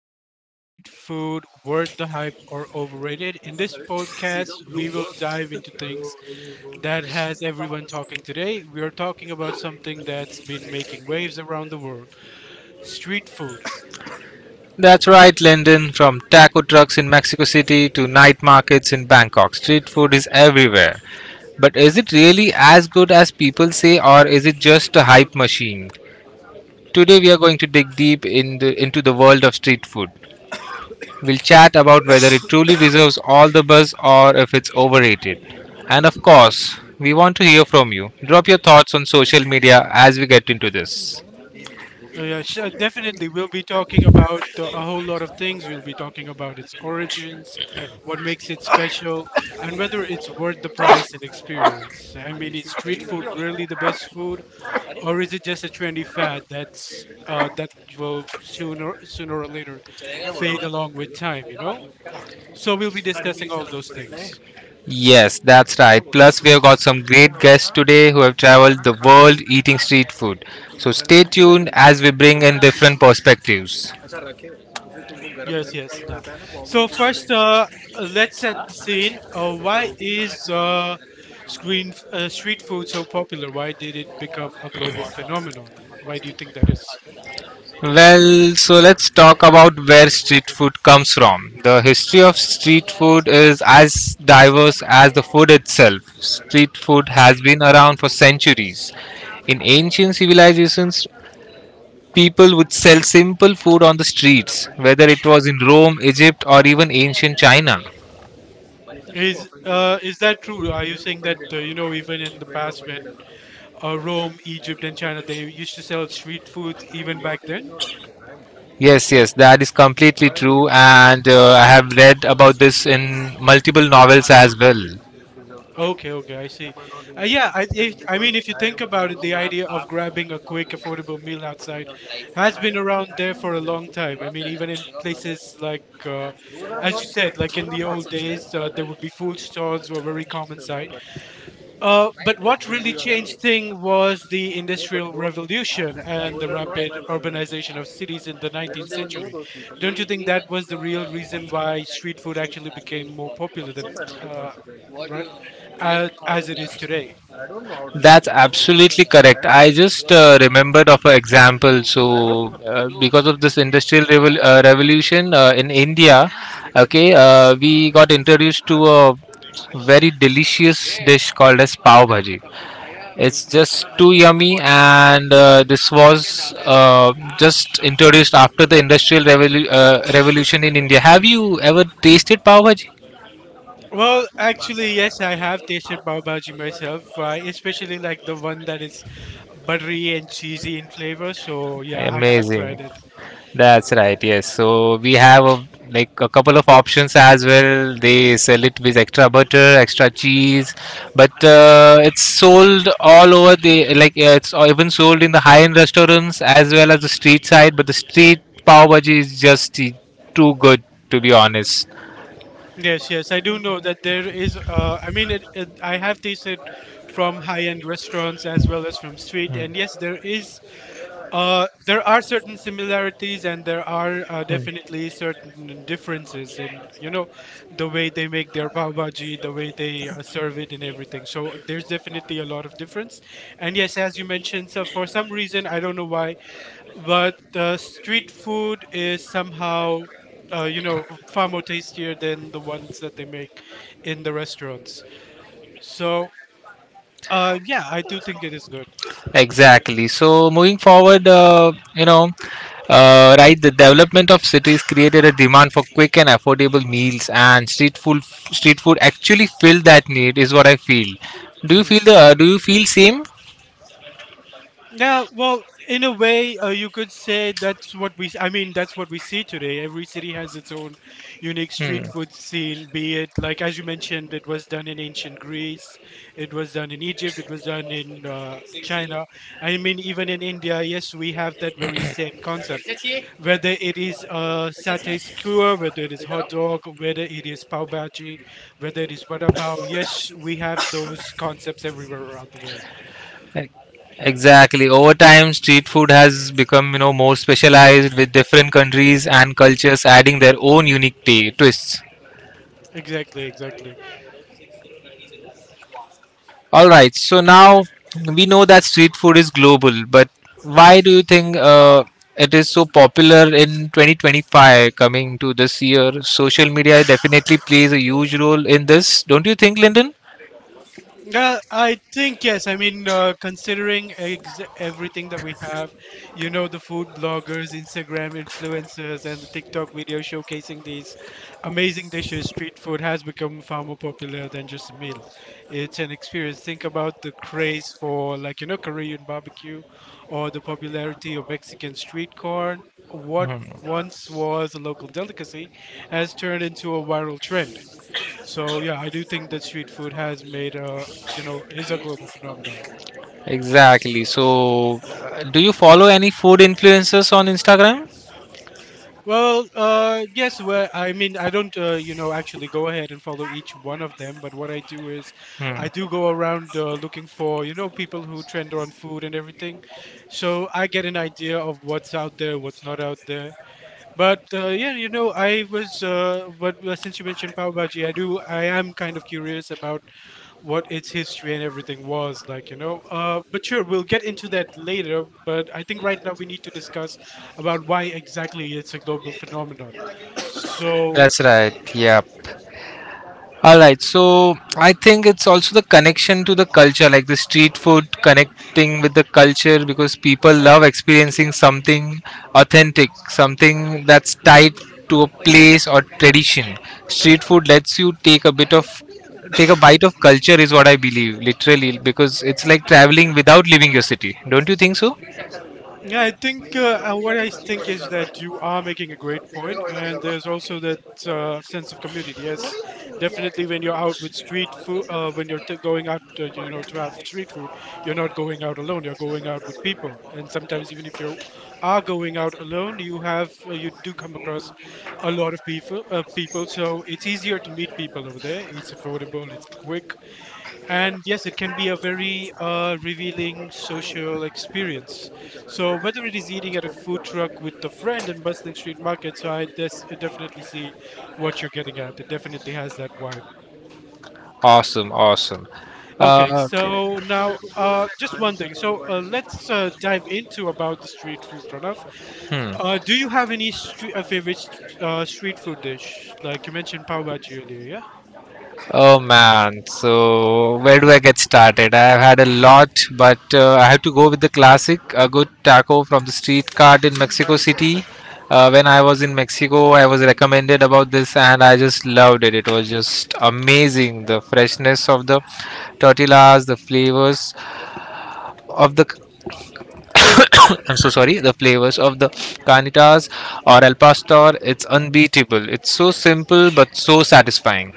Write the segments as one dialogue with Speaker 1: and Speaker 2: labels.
Speaker 1: Welcome to Street Food Worth the Hype or Overrated. In this podcast, we will dive into things that has everyone talking today. We are talking about something that's been making waves around the world street food.
Speaker 2: That's right, Lyndon. From taco trucks in Mexico City to night markets in Bangkok, street food is everywhere. But is it really as good as people say, or is it just a hype machine? Today, we are going to dig deep in into the world of street food. We'll chat about whether it truly deserves all the buzz or if it's overrated. And of course, we want to hear from you. Drop your thoughts on social media as we get into this.
Speaker 1: Definitely, we'll be talking about a whole lot of things. We'll be talking about its origins, what makes it special, and whether it's worth the price and experience. I mean, is street food really the best food? Or is it just a trendy fad that will sooner or later fade along with time. So we'll be discussing all those things.
Speaker 2: Yes, that's right. Plus, we have got some great guests today who have traveled the world eating street food. So, stay tuned as we bring in different perspectives.
Speaker 1: Yes, yes. Now, so first, let's set the scene. Why is, street food so popular? Why did it become a global phenomenon? Why do you think that is?
Speaker 2: Well, so let's talk about where street food comes from. The history of street food is as diverse as the food itself. Street food has been around for centuries. In ancient civilizations, people would sell simple food on the streets, whether it was in Rome, Egypt, or even ancient China.
Speaker 1: Is, is that true? Are you saying that, you know, even in the past when, Rome, Egypt, and China, they used to sell street food even back then?
Speaker 2: Yes, yes, that is completely true, and I have read about this in multiple novels as well.
Speaker 1: Okay, okay, I see. I mean, if you think about it, the idea of grabbing a quick, affordable meal outside has been around there for a long time. I mean, even in places like, as you said, like in the old days, there would be food stalls were very common sight. But what really changed things was the Industrial Revolution and the rapid urbanization of cities in the 19th century. Don't you think that was the real reason why street food actually became more popular than, ri- as it is today?
Speaker 2: That's absolutely correct. I just remembered of an example. So, because of this revolution in India, okay, we got introduced to a very delicious dish called as pav bhaji.
Speaker 1: Mhm.
Speaker 2: It's just too yummy, and this was just introduced after the revolution in India. Have you ever tasted pav bhaji?
Speaker 1: Well, actually, yes, I have tasted pav bhaji myself. I especially like the one that is buttery and cheesy in flavor. So yeah, I have tried
Speaker 2: Amazing.
Speaker 1: it.
Speaker 2: That's right, yes. So we have like a couple of options as well. They sell it with extra butter, extra cheese, but it's sold all over the. It's even sold in the high-end restaurants as well as the street side. But the street pav bhaji is just too good, to be honest.
Speaker 1: Yes, yes, I do know that there is. I mean, I have tasted from high-end restaurants as well as from street, and yes, there is. There are certain similarities, and there are, definitely certain differences in, you know, the way they make their pav bhaji, the way they, serve it, and everything. So there's definitely a lot of difference. And yes, as you mentioned, so for some reason I don't know why, but street food is somehow, you know, far more tastier than the ones that they make in the restaurants. So yeah, I do think it is good.
Speaker 2: Exactly. So moving forward, right, the development of cities created a demand for quick and affordable meals, and street food actually filled that need, is what I feel. Do you
Speaker 1: Hmm.
Speaker 2: feel the? Do you feel same?
Speaker 1: Yeah, well, in a way, you could say that's what we, that's what we see today. Every city has its own unique street
Speaker 2: Hmm.
Speaker 1: food scene, be it, like as you mentioned, it was done in ancient Greece, it was done in Egypt, it was done in, China. I mean, even in India, yes, we have that very same concept, whether it is a satay skewer, whether it is hot dog, whether it is pav bhaji, whether it is vada pav. Yes, we have those concepts everywhere around the world.
Speaker 2: E- Exactly. Over time, street food has become, you know, more specialized with different countries and cultures adding their own unique twists.
Speaker 1: Exactly, exactly.
Speaker 2: All right. So now we know that street food is global, but why do you think it is so popular in 2025 coming to this year? Social media definitely plays a huge role in this, don't you think, Lyndon?
Speaker 1: I think yes. I mean, considering ex- everything that we have, you know, the food bloggers, Instagram influencers, and the TikTok video showcasing these amazing dishes, street food has become far more popular than just a meal. It's an experience. Think about the craze for, like, you know, Korean barbecue, or the popularity of Mexican street corn. What once was a local delicacy has turned into a viral trend. So yeah, I do think that street food has made a you know is a global phenomenon.
Speaker 2: Exactly. So, do you follow any food influencers on Instagram?
Speaker 1: Well, yes. Well, I mean, I don't, you know, actually go ahead and follow each one of them. But what I do is,
Speaker 2: Hmm.
Speaker 1: I do go around, looking for, you know, people who trend on food and everything. So I get an idea of what's out there, what's not out there. But yeah, you know, I was, but since you mentioned pav bhaji, I am kind of curious about what its history and everything was like, you know. But sure, we'll get into that later. But I think right now we need to discuss about why exactly it's a global phenomenon. So
Speaker 2: That's right. Yeah. All right, so I think it's also the connection to the culture, like the street food connecting with the culture because people love experiencing something authentic, something that's tied to a place or tradition. Street food lets you take a bite of culture is what I believe, literally, because it's like traveling without leaving your city. Don't you think so?
Speaker 1: yeah, I think, what I think is that you are making a great point, and there's also that, sense of community. Yes, definitely, when you're out with street food, going out, you know, to have street food, you're not going out alone. You're going out with people, and sometimes even if you are going out alone, you have, you do come across a lot of people. So it's easier to meet people over there. It's affordable. It's quick, and yes, it can be a very, revealing social experience. So whether it is eating at a food truck with a friend and bustling street market, definitely see what you're getting at. It definitely has that vibe.
Speaker 2: Awesome, awesome.
Speaker 1: Okay,
Speaker 2: Okay.
Speaker 1: so now, just one thing. So let's, dive into about the street food, Pranav.
Speaker 2: Hmm.
Speaker 1: Do you have any favorite street food dish, like you mentioned pav bhaji earlier? Yeah,
Speaker 2: Oh man, so where do I get started? I've had a lot, but I have to go with the classic, a good taco from the street cart in Mexico City. When I was in Mexico, I was recommended about this and I just loved it. It was just amazing. The freshness of the tortillas, the flavors of the I'm so sorry, the flavors of the carnitas or al pastor, it's unbeatable. It's so simple but so satisfying.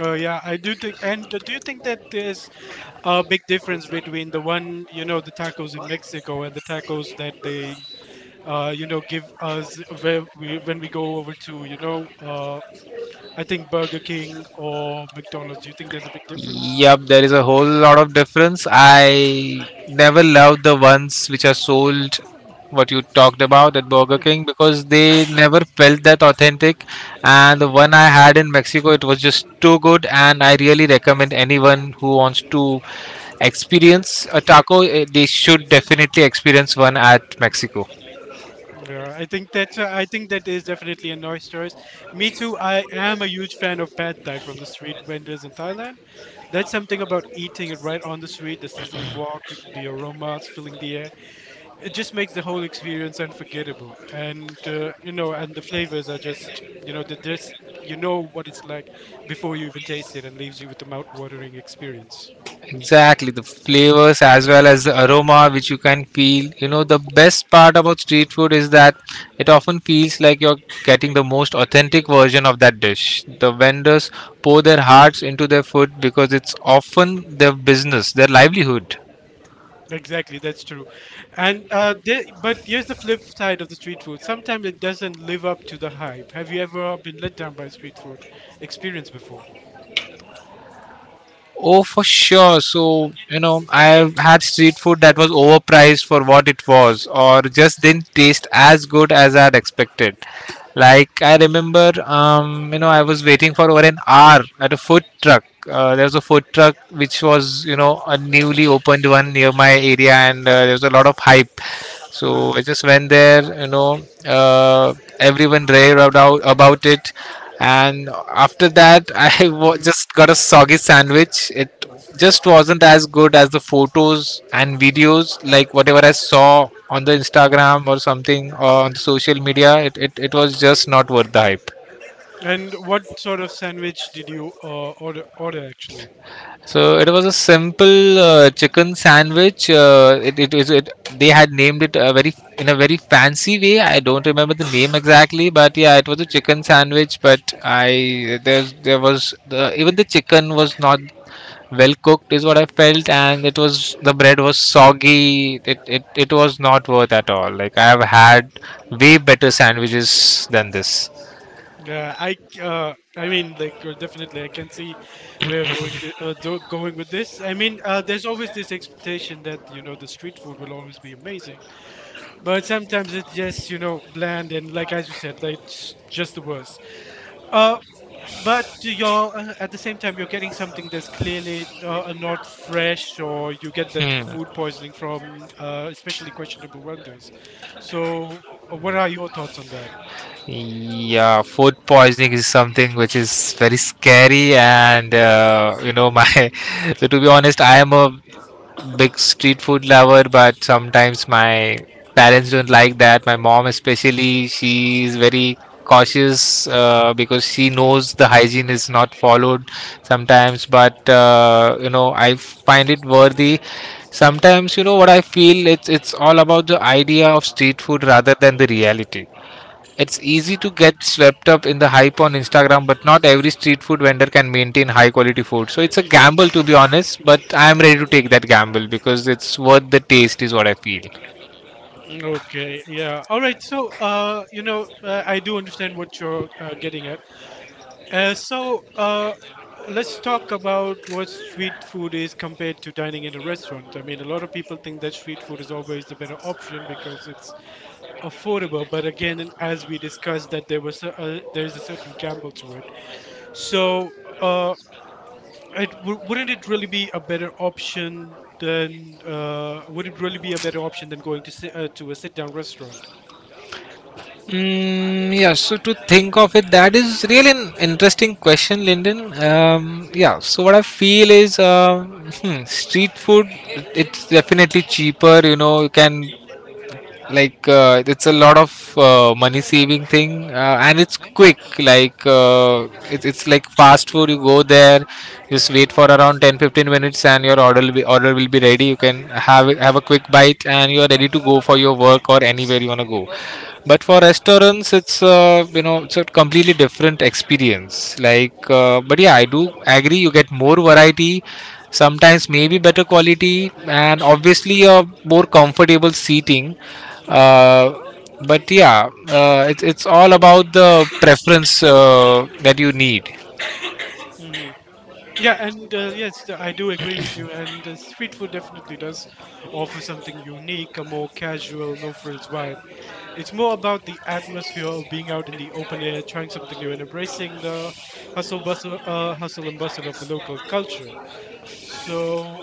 Speaker 1: yeah, I do think. And do you think that there's a big difference between the one, you know, the tacos in Mexico and the tacos that they, you know, give us where when we go over to, you know, I think Burger King or McDonald's. Do you think there's a big difference?
Speaker 2: Yep, there is a whole lot of difference. I never loved the ones which are sold, what you talked about at Burger
Speaker 1: Mhm.
Speaker 2: King, because they never felt that authentic. And the one I had in Mexico, it was just too good. And I really recommend anyone who wants to experience a taco, eh, they should definitely experience one at Mexico.
Speaker 1: Yeah, I think that's, I think that is definitely a nice choice. Me too. I am a huge fan of pad thai from the street vendors in Thailand. There's something about eating it right on the street, the sizzling walk, the aromas filling the air. It just makes the whole experience unforgettable. And you know, and the flavors are just, you know, the just, you know what it's like before you even taste it, and leaves you with the mouth watering experience.
Speaker 2: Exactly, the flavors as well as the aroma which you can feel. You know, the best part about street food is that it often feels like you're getting the most authentic version of that dish. The vendors pour their hearts into their food because it's often their business, their livelihood.
Speaker 1: Exactly, that's true. And there, but here's the flip side of the street food, sometimes it doesn't live up to the hype. Have you ever been let down by a street food experience before?
Speaker 2: Oh, for sure. So, you know, I have had street food that was overpriced for what it was, or just didn't taste as good as I'd expected. Like, I remember, you know, I was waiting for over an hour at a food truck. There was a food truck which was, you know, a newly opened one near my area, and there was a lot of hype.
Speaker 1: Hmm.
Speaker 2: So I just went there, you know, uh, everyone raved about it. And after that,
Speaker 1: Hmm.
Speaker 2: just got a soggy sandwich. It just wasn't as good as the photos and videos, like whatever I saw on the Instagram or something or on social media. It was just not worth the hype.
Speaker 1: And what sort of sandwich did you, order, actually?
Speaker 2: So it was a simple chicken sandwich. It, it, it, it they had named it a very in a very fancy way. I don't remember the name exactly, but yeah, it was a chicken sandwich. But I there was the, even the chicken was not well cooked is what I felt, and it was the bread was soggy. It was not worth at all. Like I have had way better sandwiches than this.
Speaker 1: I mean, like, definitely, I can see where going with this. I mean, there's always this expectation that, you know, the street food will always be amazing, but sometimes it's just, you know, bland, and like as you said, like it's just the worst. Uh, but you're, at the same time you're getting something that's clearly, not fresh, or you get that food
Speaker 2: Hmm.
Speaker 1: poisoning from, especially questionable vendors. So, what are your thoughts on that?
Speaker 2: Yeah, food poisoning is something which is very scary, and you know, my so to be honest, I am a big street food lover, but sometimes my parents don't like that. My mom, especially, she is very cautious because she knows the hygiene is not followed sometimes, but you know, I find it worthy sometimes. You know what I feel, it's all about the idea of street food rather than the reality. It's easy to get swept up in the hype on Instagram, but not every street food vendor can maintain high quality food. So it's a gamble, to be honest, but I am ready to take that gamble because it's worth the taste, is what I feel.
Speaker 1: Okay, yeah. All right. So, you know, I do understand what you're, getting at. Uh, so, uh, let's talk about what street food is compared to dining in a restaurant. I mean, a lot of people think that street food is always the better option because it's affordable. But again, and as we discussed, that there's a certain gamble to it. So, uh, wouldn't it really be a better option than, would it really be a better option than going to sit, to a sit down restaurant?
Speaker 2: Mm, yeah, so to think of it, that is really an interesting question, Lyndon. Yeah, so what I feel is hmm, street food, it's definitely cheaper, you know, you can it's a lot of money saving thing and it's quick, it's like fast food. You go there, just wait for around 10 to 15 minutes and your order will be ready. You can have a quick bite and you are ready to go for your work or anywhere you want to go. But for restaurants, it's you know, it's a completely different experience, but yeah, I do agree, you get more variety, sometimes maybe better quality and obviously a more comfortable seating. uh, but yeah, it's all about the preference that you need.
Speaker 1: Yeah, and yes, I do agree with you. And street food definitely does offer something unique, a more casual, no frills vibe. It's more about the atmosphere of being out in the open air, trying something new, and embracing the hustle and bustle of the local culture. So,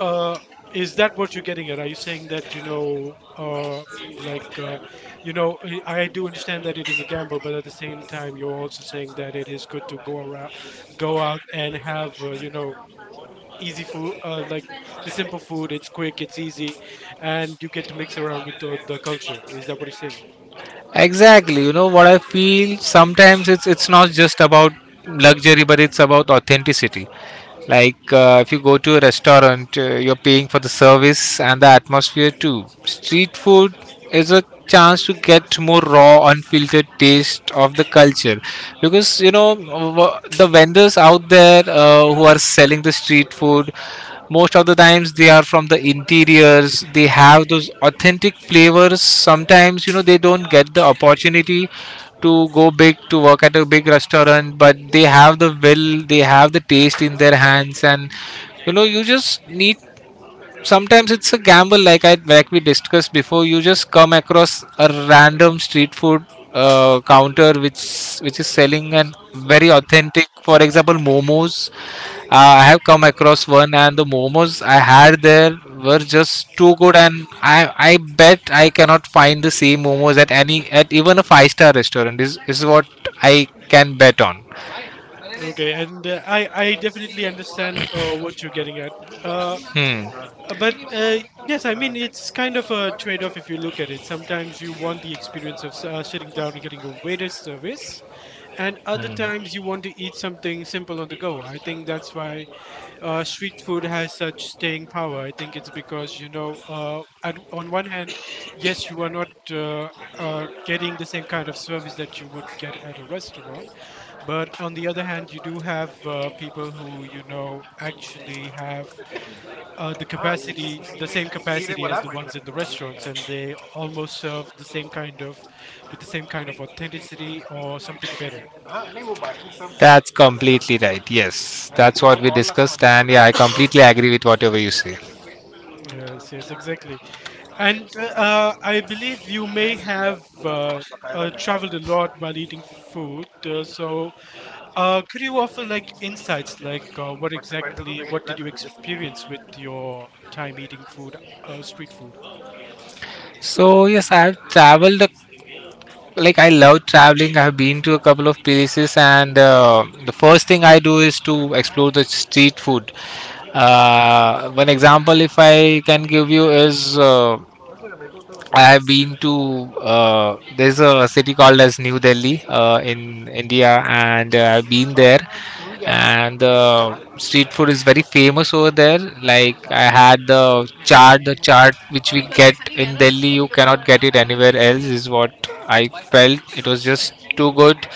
Speaker 1: uh, is that what you're getting at? Are you saying that, you know, like, uh, you know, I do understand that it is a gamble, but at the same time, you're also saying that it is good to go out and have, you know, easy food, like the simple food. It's quick, it's easy, and you get to mix around with the culture. Is that what you're saying?
Speaker 2: Exactly, you know what I feel, sometimes it's not just about luxury, but it's about authenticity. If you go to a restaurant, you're paying for the service and the atmosphere too. Street food is a chance to get more raw unfiltered taste of the culture, because you know, the vendors out there who are selling the street food, most of the times they are from the interiors. They have those authentic flavors. Sometimes, you know, they don't get the opportunity to go big, to work at a big restaurant, but they have the will, they have the taste in their hands. And you know, you just need, sometimes it's a gamble. Like I, like we discussed before, you just come across a random street food counter which is selling and very
Speaker 1: Mhm.
Speaker 2: authentic, for example momos. Uh, I have come across one and the momos I had there were just too good, and I bet I cannot find the same momos at any, at even a 5 star restaurant, is what I can bet on.
Speaker 1: Okay, and I definitely understand, what you're getting at. B-
Speaker 2: Hmm.
Speaker 1: but Yes, I mean it's kind of a trade-off if you look at it. Sometimes you want the experience of, sitting down and getting a waiter service, and other
Speaker 2: Hmm.
Speaker 1: times you want to eat something simple on the go. I think that's why, street food has such staying power. I think it's because, you know, on one hand, yes, you are not, getting the same kind of service that you would get at a restaurant, but on the other hand, you do have, people who, you know, actually have, the capacity, the same capacity as the ones in the restaurants, and they almost serve the same kind of, with the same kind of authenticity or something better.
Speaker 2: That's completely right. Yes, that's what we discussed, and yeah, I completely agree with whatever you say.
Speaker 1: Yes, yes, exactly. And I believe you may have, traveled a lot while eating food. Could you offer like insights, like, what exactly, what did you experience with your time eating food, street food?
Speaker 2: So yes, I've traveled. Like I love traveling. I've been to a couple of places, and the first thing I do is to explore the street food. One example, if I can give you, is uh, I have been to there's a city called as New Delhi in India, and I've been there. And the street food is very famous over there. Like I had the chaat which we get in Delhi, you cannot get it anywhere else. Is what I felt. It was just too good.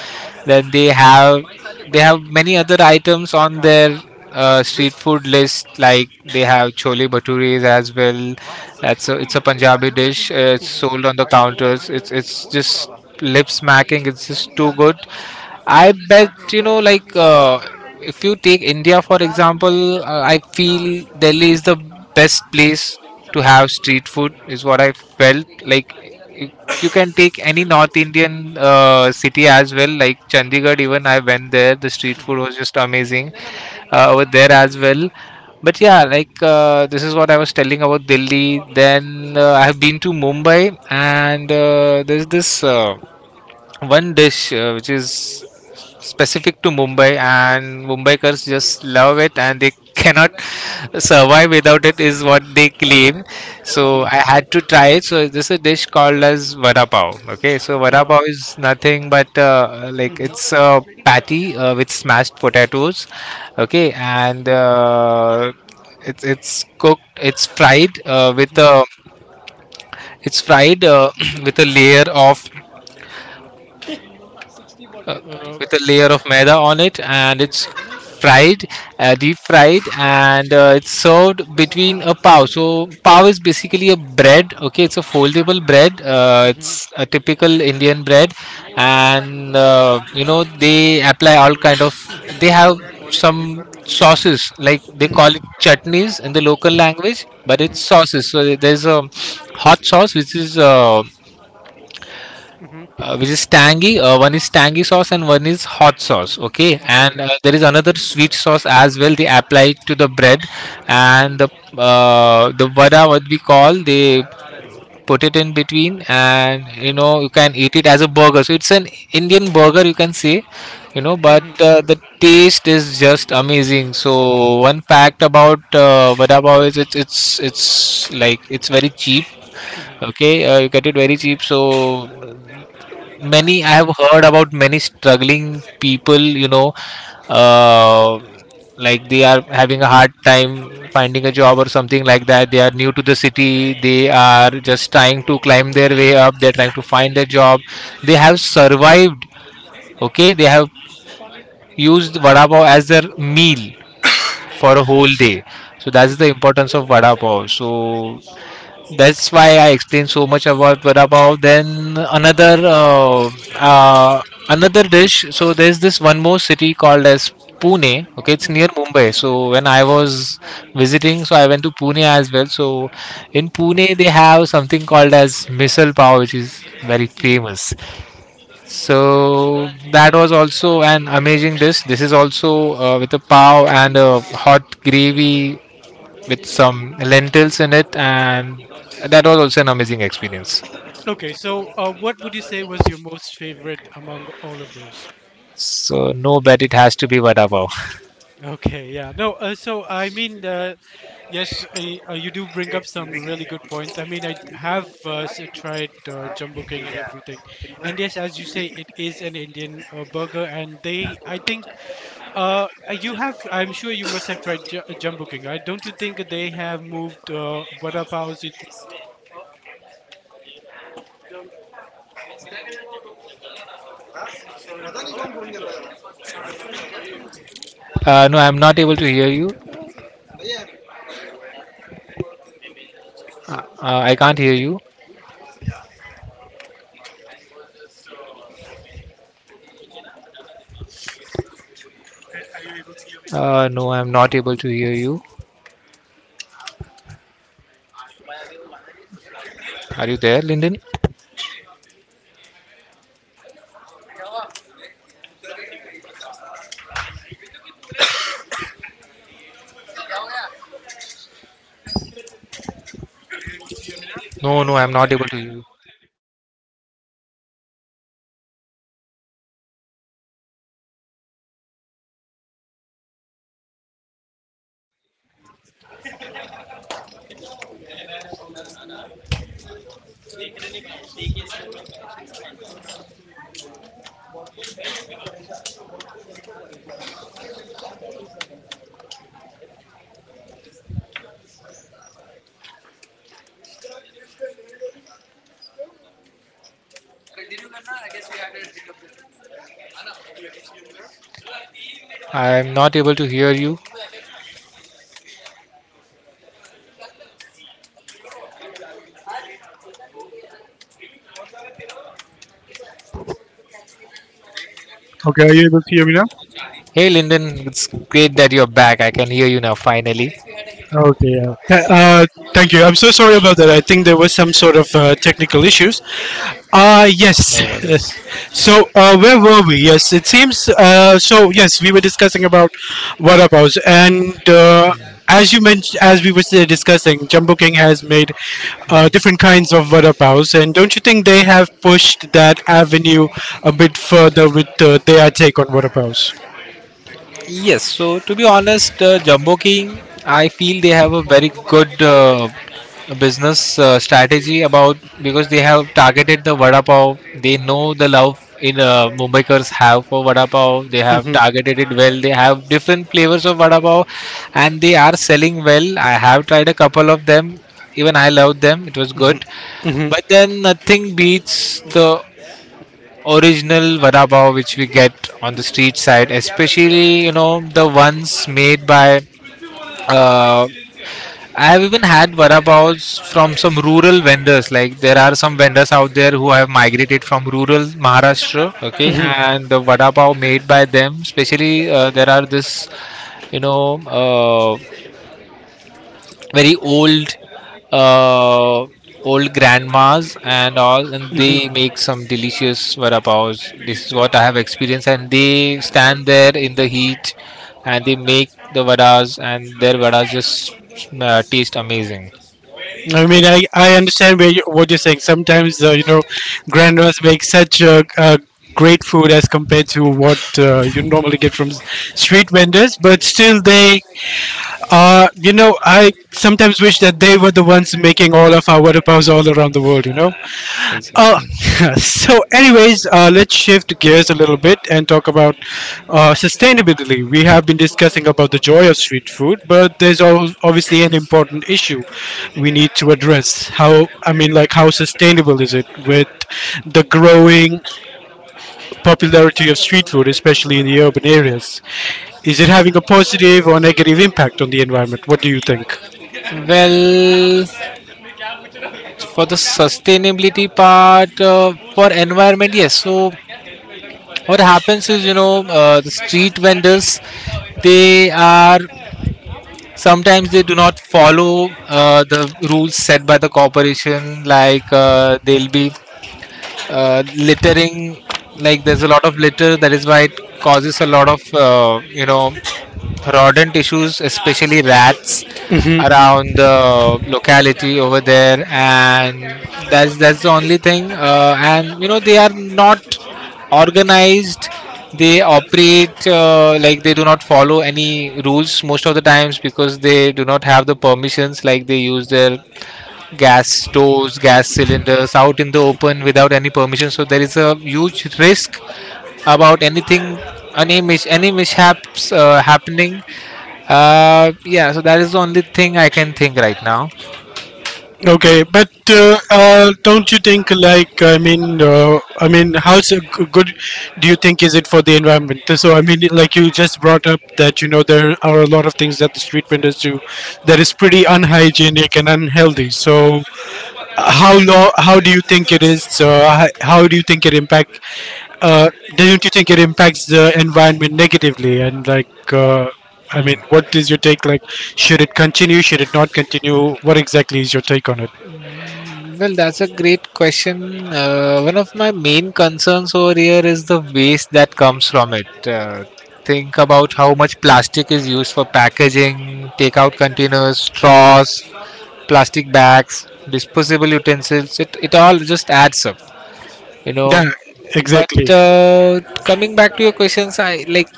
Speaker 2: Then they have, they have many other items on their street food list, like they have chole bhatures as well. That's a, it's a Punjabi dish. It's
Speaker 1: Mm-hmm.
Speaker 2: sold on the counters. It's just lip smacking. It's just too good. I bet you know like if you take India for example, I feel Delhi is the best place to have street food. Is what I felt like. You you can take any North Indian city as well, like Chandigarh. Even I went there; the street
Speaker 1: Mm-hmm.
Speaker 2: food was just amazing over there as well. But yeah, like this is what I was telling about Delhi. Then I have been to Mumbai, and there's this. One dish which is specific to Mumbai, and Mumbaikars just love it and they cannot survive without it is what they claim. So
Speaker 1: Mm-hmm.
Speaker 2: I had to try it. So this is a dish called as vada pav. Okay, so
Speaker 1: Uh,
Speaker 2: vada pav is nothing but like
Speaker 1: mm-hmm.
Speaker 2: it's a patty with smashed potatoes. Okay, and it's cooked. It's fried with
Speaker 1: Mm-hmm.
Speaker 2: a it's fried with a layer of uh,
Speaker 1: Uh,
Speaker 2: with a layer of maida on it, and it's fried, deep fried, and it's served between a pav. So pav is basically a bread. Okay, it's a foldable bread.
Speaker 1: mm-hmm. Mm-hmm.
Speaker 2: It's a typical Indian bread, and you know they apply all kind of. They have some sauces like they call it
Speaker 1: Mm-hmm.
Speaker 2: chutneys in the local language, but it's
Speaker 1: Mm-hmm.
Speaker 2: sauces. So there's a hot sauce
Speaker 1: Mm-hmm.
Speaker 2: which is tangy. One is tangy sauce and one is hot sauce. Okay,
Speaker 1: Okay.
Speaker 2: and there is another sweet sauce as well. They apply it to the bread, and the vada, what we call, they put it in between, and you know you can eat it as a burger. So it's an Indian burger, you can say, you know. But
Speaker 1: Mm-hmm.
Speaker 2: the taste is just amazing. So one fact about vada pav is it's like it's very cheap.
Speaker 1: Mm-hmm.
Speaker 2: Okay, you get it very cheap. So many I
Speaker 1: Uh-huh.
Speaker 2: have heard about many struggling people, you know, uh, like they are having a hard time finding a job or something like that. They are new to the city. They are just trying to climb their way up. They're trying to find a job. They have survived. Okay, they have used vada pav as their meal for a whole day. So that's the
Speaker 1: Mm-hmm.
Speaker 2: importance of vada pav. So that's why I explained so much about vada pav. Then another another dish. So there's this one more city called as Pune. Okay, it's near
Speaker 1: Mm-hmm.
Speaker 2: Mumbai. So when I was visiting, so I went to Pune as well. So in Pune they have something called as misal pav, which is very
Speaker 1: Mm-hmm.
Speaker 2: famous. So that was also an amazing dish. This is also with a pav and a hot gravy with some lentils in it, and that was also an amazing experience.
Speaker 1: Okay, so, what would you say was your most favorite among all of those?
Speaker 2: So no, bet it has to be vada pav.
Speaker 1: Okay, yeah. No, So I mean, yes, you do bring up some really good points. I mean, I have, tried, Jumbo King and everything. And yes, as you say, it is an Indian, burger. And they, I think, you have, I'm sure you must have tried, Jumbo King, right? Don't you think they have moved, vada paos
Speaker 2: No, I'm not able to hear you. I can't hear you. No, I'm not able to hear you. Are you there, Linden? No, no, I'm not able to hear you. I'm not able to hear you.
Speaker 3: Okay, are you able to hear me now?
Speaker 2: Hey, Linden, it's great that you're back. I can hear you now finally.
Speaker 3: Okay, yeah. Thank you. I'm so sorry about that. I think there was some sort of technical issues. Yes.
Speaker 2: No worries.
Speaker 3: So, where were we? Yes, it seems. Yes, we were discussing about vada paos, and as you mentioned, as we were discussing, Jumbo King has made
Speaker 2: Hmm.
Speaker 3: different kinds of vada paos, and don't you think they have pushed that avenue a bit further with their take on vada paos?
Speaker 2: Yes, so to be honest, Jumbo King, I feel they have a very good business strategy about, because they have targeted the vada pav. They know the love in Mumbaikars have for vada pav. They have targeted it well. They have different flavors of vada pav, and they are selling well. I have tried a couple of them. Even I loved them. It was good, but then nothing beats the original vada pav which we get on the street side, especially you know the ones made by. Uh, I have even had vada pavs from some rural vendors. Like there are some vendors out there who have migrated from rural Maharashtra, okay, and the vada pav made by them. Especially there are this, you know, very old uh, old grandmas and all, and they make some delicious vada pavs. This is what I have experienced. And they stand there in the heat and they make the vadas, and their vadas just taste amazing.
Speaker 3: I mean, I understand where you, what you're saying. Sometimes, you know, grandmas make such great food as compared to what you normally get from street vendors, but still, they are, you know, I sometimes wish that they were the ones making all of our water all around the world, you know? Uh,
Speaker 2: Exactly.
Speaker 3: so, anyways, let's shift gears a little bit and talk about sustainability. We have been discussing about the joy of street food, but there's obviously an important issue we need to address. How, I mean, like, how sustainable is it with the growing popularity of street food, especially in the urban areas? Is it having a positive or negative impact on the environment? What do you think?
Speaker 2: Well, for the sustainability part, for environment, yes. So what happens is, you know, the street vendors, they are sometimes they do not follow the rules set by the corporation. Like they'll be littering. Like there's a lot of litter. That is why it causes a lot of you know, rodent issues, especially rats around the locality over there. And that's the only thing. And you know they are not organized. They operate like they do not follow any rules most of the times, because they do not have the permissions. Like they use their gas stoves, gas cylinders out in the open without any permission. So there is a huge risk about anything, any mishaps happening. Yeah, so that is the only thing I can think right now.
Speaker 3: Okay, but don't you think like I mean how's a good do you think is it for the environment? So I mean like you just brought up that you know there are a lot of things that the street vendors do that is pretty unhygienic and unhealthy. So how how do you think it is? So how do you think it impact? Uh, don't you think it impacts the environment negatively? And like I mean,
Speaker 2: Hmm.
Speaker 3: what is your take? Like, should it continue? Should it not continue? What exactly is your take on it?
Speaker 2: Well, that's a great question. One of my main concerns over here is the waste that comes from it. Think about how much plastic is used for packaging, takeout containers, straws, plastic bags, disposable utensils. It all just adds up, you know.
Speaker 3: Yeah,
Speaker 2: But
Speaker 3: exactly.
Speaker 2: coming back to your questions, I like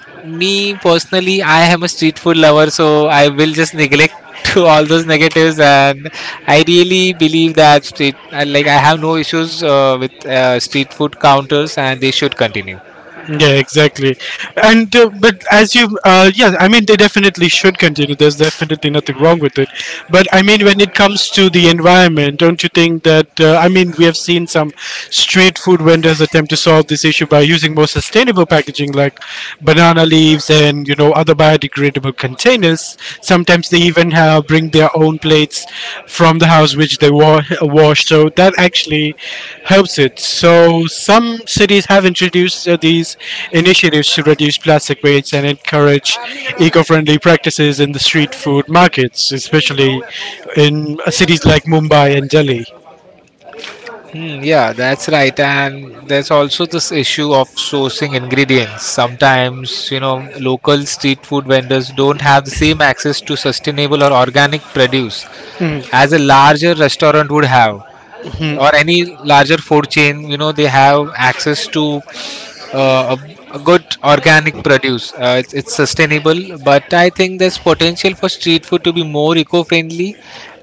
Speaker 2: me personally, I am a street food lover, so I will just neglect to all those negatives. And I really believe that street I, like I have no issues with street food counters, and they should continue.
Speaker 3: Yeah, exactly. And but as you yeah, I mean they definitely should continue, there's definitely nothing wrong with it, but I mean when it comes to the environment, don't you think that I mean we have seen some street food vendors attempt to solve this issue by using more sustainable packaging like banana leaves and you know other biodegradable containers. Sometimes they even bring their own plates from the house which they wash, so that actually helps it. So some cities have introduced these initiatives to reduce plastic waste and encourage eco-friendly practices in the street food markets, especially in cities like Mumbai and Delhi.
Speaker 2: Hmm, yeah, that's right. And there's also this issue of sourcing ingredients. Sometimes, you know, local street food vendors don't have the same access to sustainable or organic produce as
Speaker 3: Mhm.
Speaker 2: a larger restaurant would have, or any larger food chain. You know, they have access to uh, a good organic produce. It's sustainable. But I think there's potential for street food to be more eco-friendly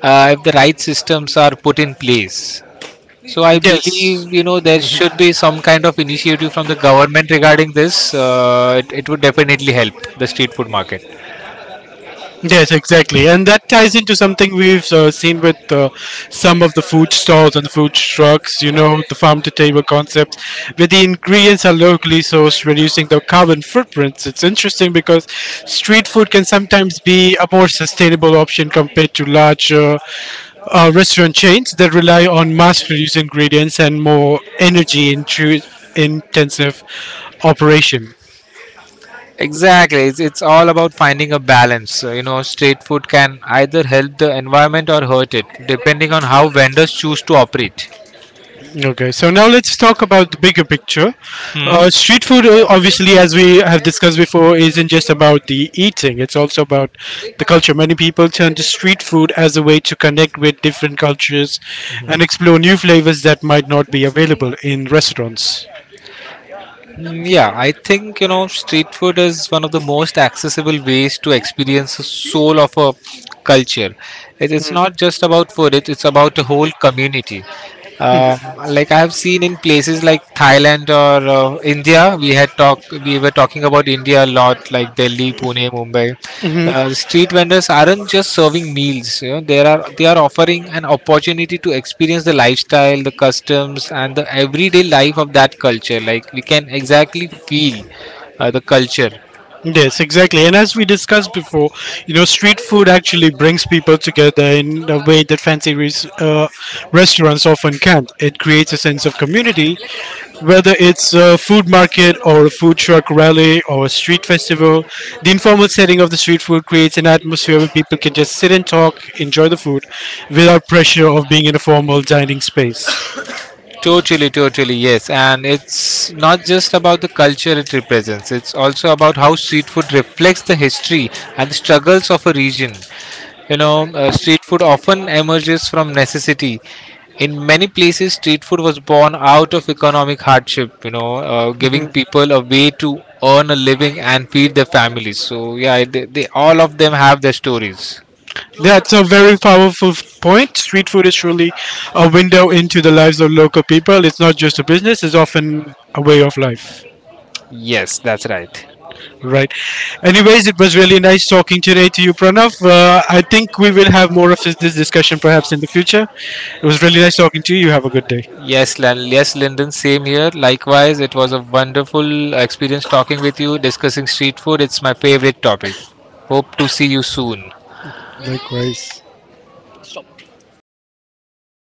Speaker 2: if the right systems are put in place. So I
Speaker 3: Yes.
Speaker 2: believe, you know, there should be some kind of initiative from the government regarding this. It would definitely help the street food market.
Speaker 3: Yes, exactly. And that ties into something we've seen with some of the food stalls and food trucks, you know, the farm to table concepts, where the ingredients are locally sourced, reducing the carbon footprints. It's interesting because street food can sometimes be a more sustainable option compared to larger restaurant chains that rely on mass produced ingredients and more energy intensive operation.
Speaker 2: Exactly. It's all about finding a balance. You know, street food can either help the environment or hurt it, depending on how vendors choose to operate.
Speaker 3: Okay, so now let's talk about the bigger picture.
Speaker 2: Hmm.
Speaker 3: Street food, obviously, as we have discussed before, isn't just about the eating, it's also about the culture. Many people turn to street food as a way to connect with different cultures and
Speaker 2: Mhm.
Speaker 3: explore new flavors that might not be available in restaurants.
Speaker 2: Mm, yeah, I think you know street food is one of the most accessible ways to experience the soul of a culture. It's not just about food; it's about a whole community. Um, like I have seen in places like Thailand or India. We had talk we were talking about India a lot, like Delhi, Pune, Mumbai. Street vendors aren't just serving meals. You know, they are offering an opportunity to experience the lifestyle, the customs, and the everyday life of that culture. Like we can exactly feel the culture.
Speaker 3: Yes, exactly. And as we discussed before, you know, street food actually brings people together in a way that fancy restaurants often can't. It creates a sense of community, whether it's a food market or a food truck rally or a street festival. The informal setting of the street food creates an atmosphere where people can just sit and talk, enjoy the food, without pressure of being in a formal dining space.
Speaker 2: Totally, totally, yes. And it's not just about the culture it represents, it's also about how street food reflects the history and the struggles of a region. You know, street food often emerges from necessity. In many places, street food was born out of economic hardship, you know, giving
Speaker 3: Mm-hmm.
Speaker 2: people a way to earn a living and feed their families. So, yeah, all of them have their stories.
Speaker 3: That's a very powerful point. Street food is truly a window into the lives of local people. It's not just a business, it's often a way of life.
Speaker 2: Yes, that's right.
Speaker 3: Right. Anyways, it was really nice talking today to you, Pranav. I think we will have more of this discussion perhaps in the future. It was really nice talking to you. You have a good day.
Speaker 2: Yes, Lyndon, same here. Likewise, it was a wonderful experience talking with you, discussing street food. It's my favorite topic. Hope to see you soon.
Speaker 3: Likewise.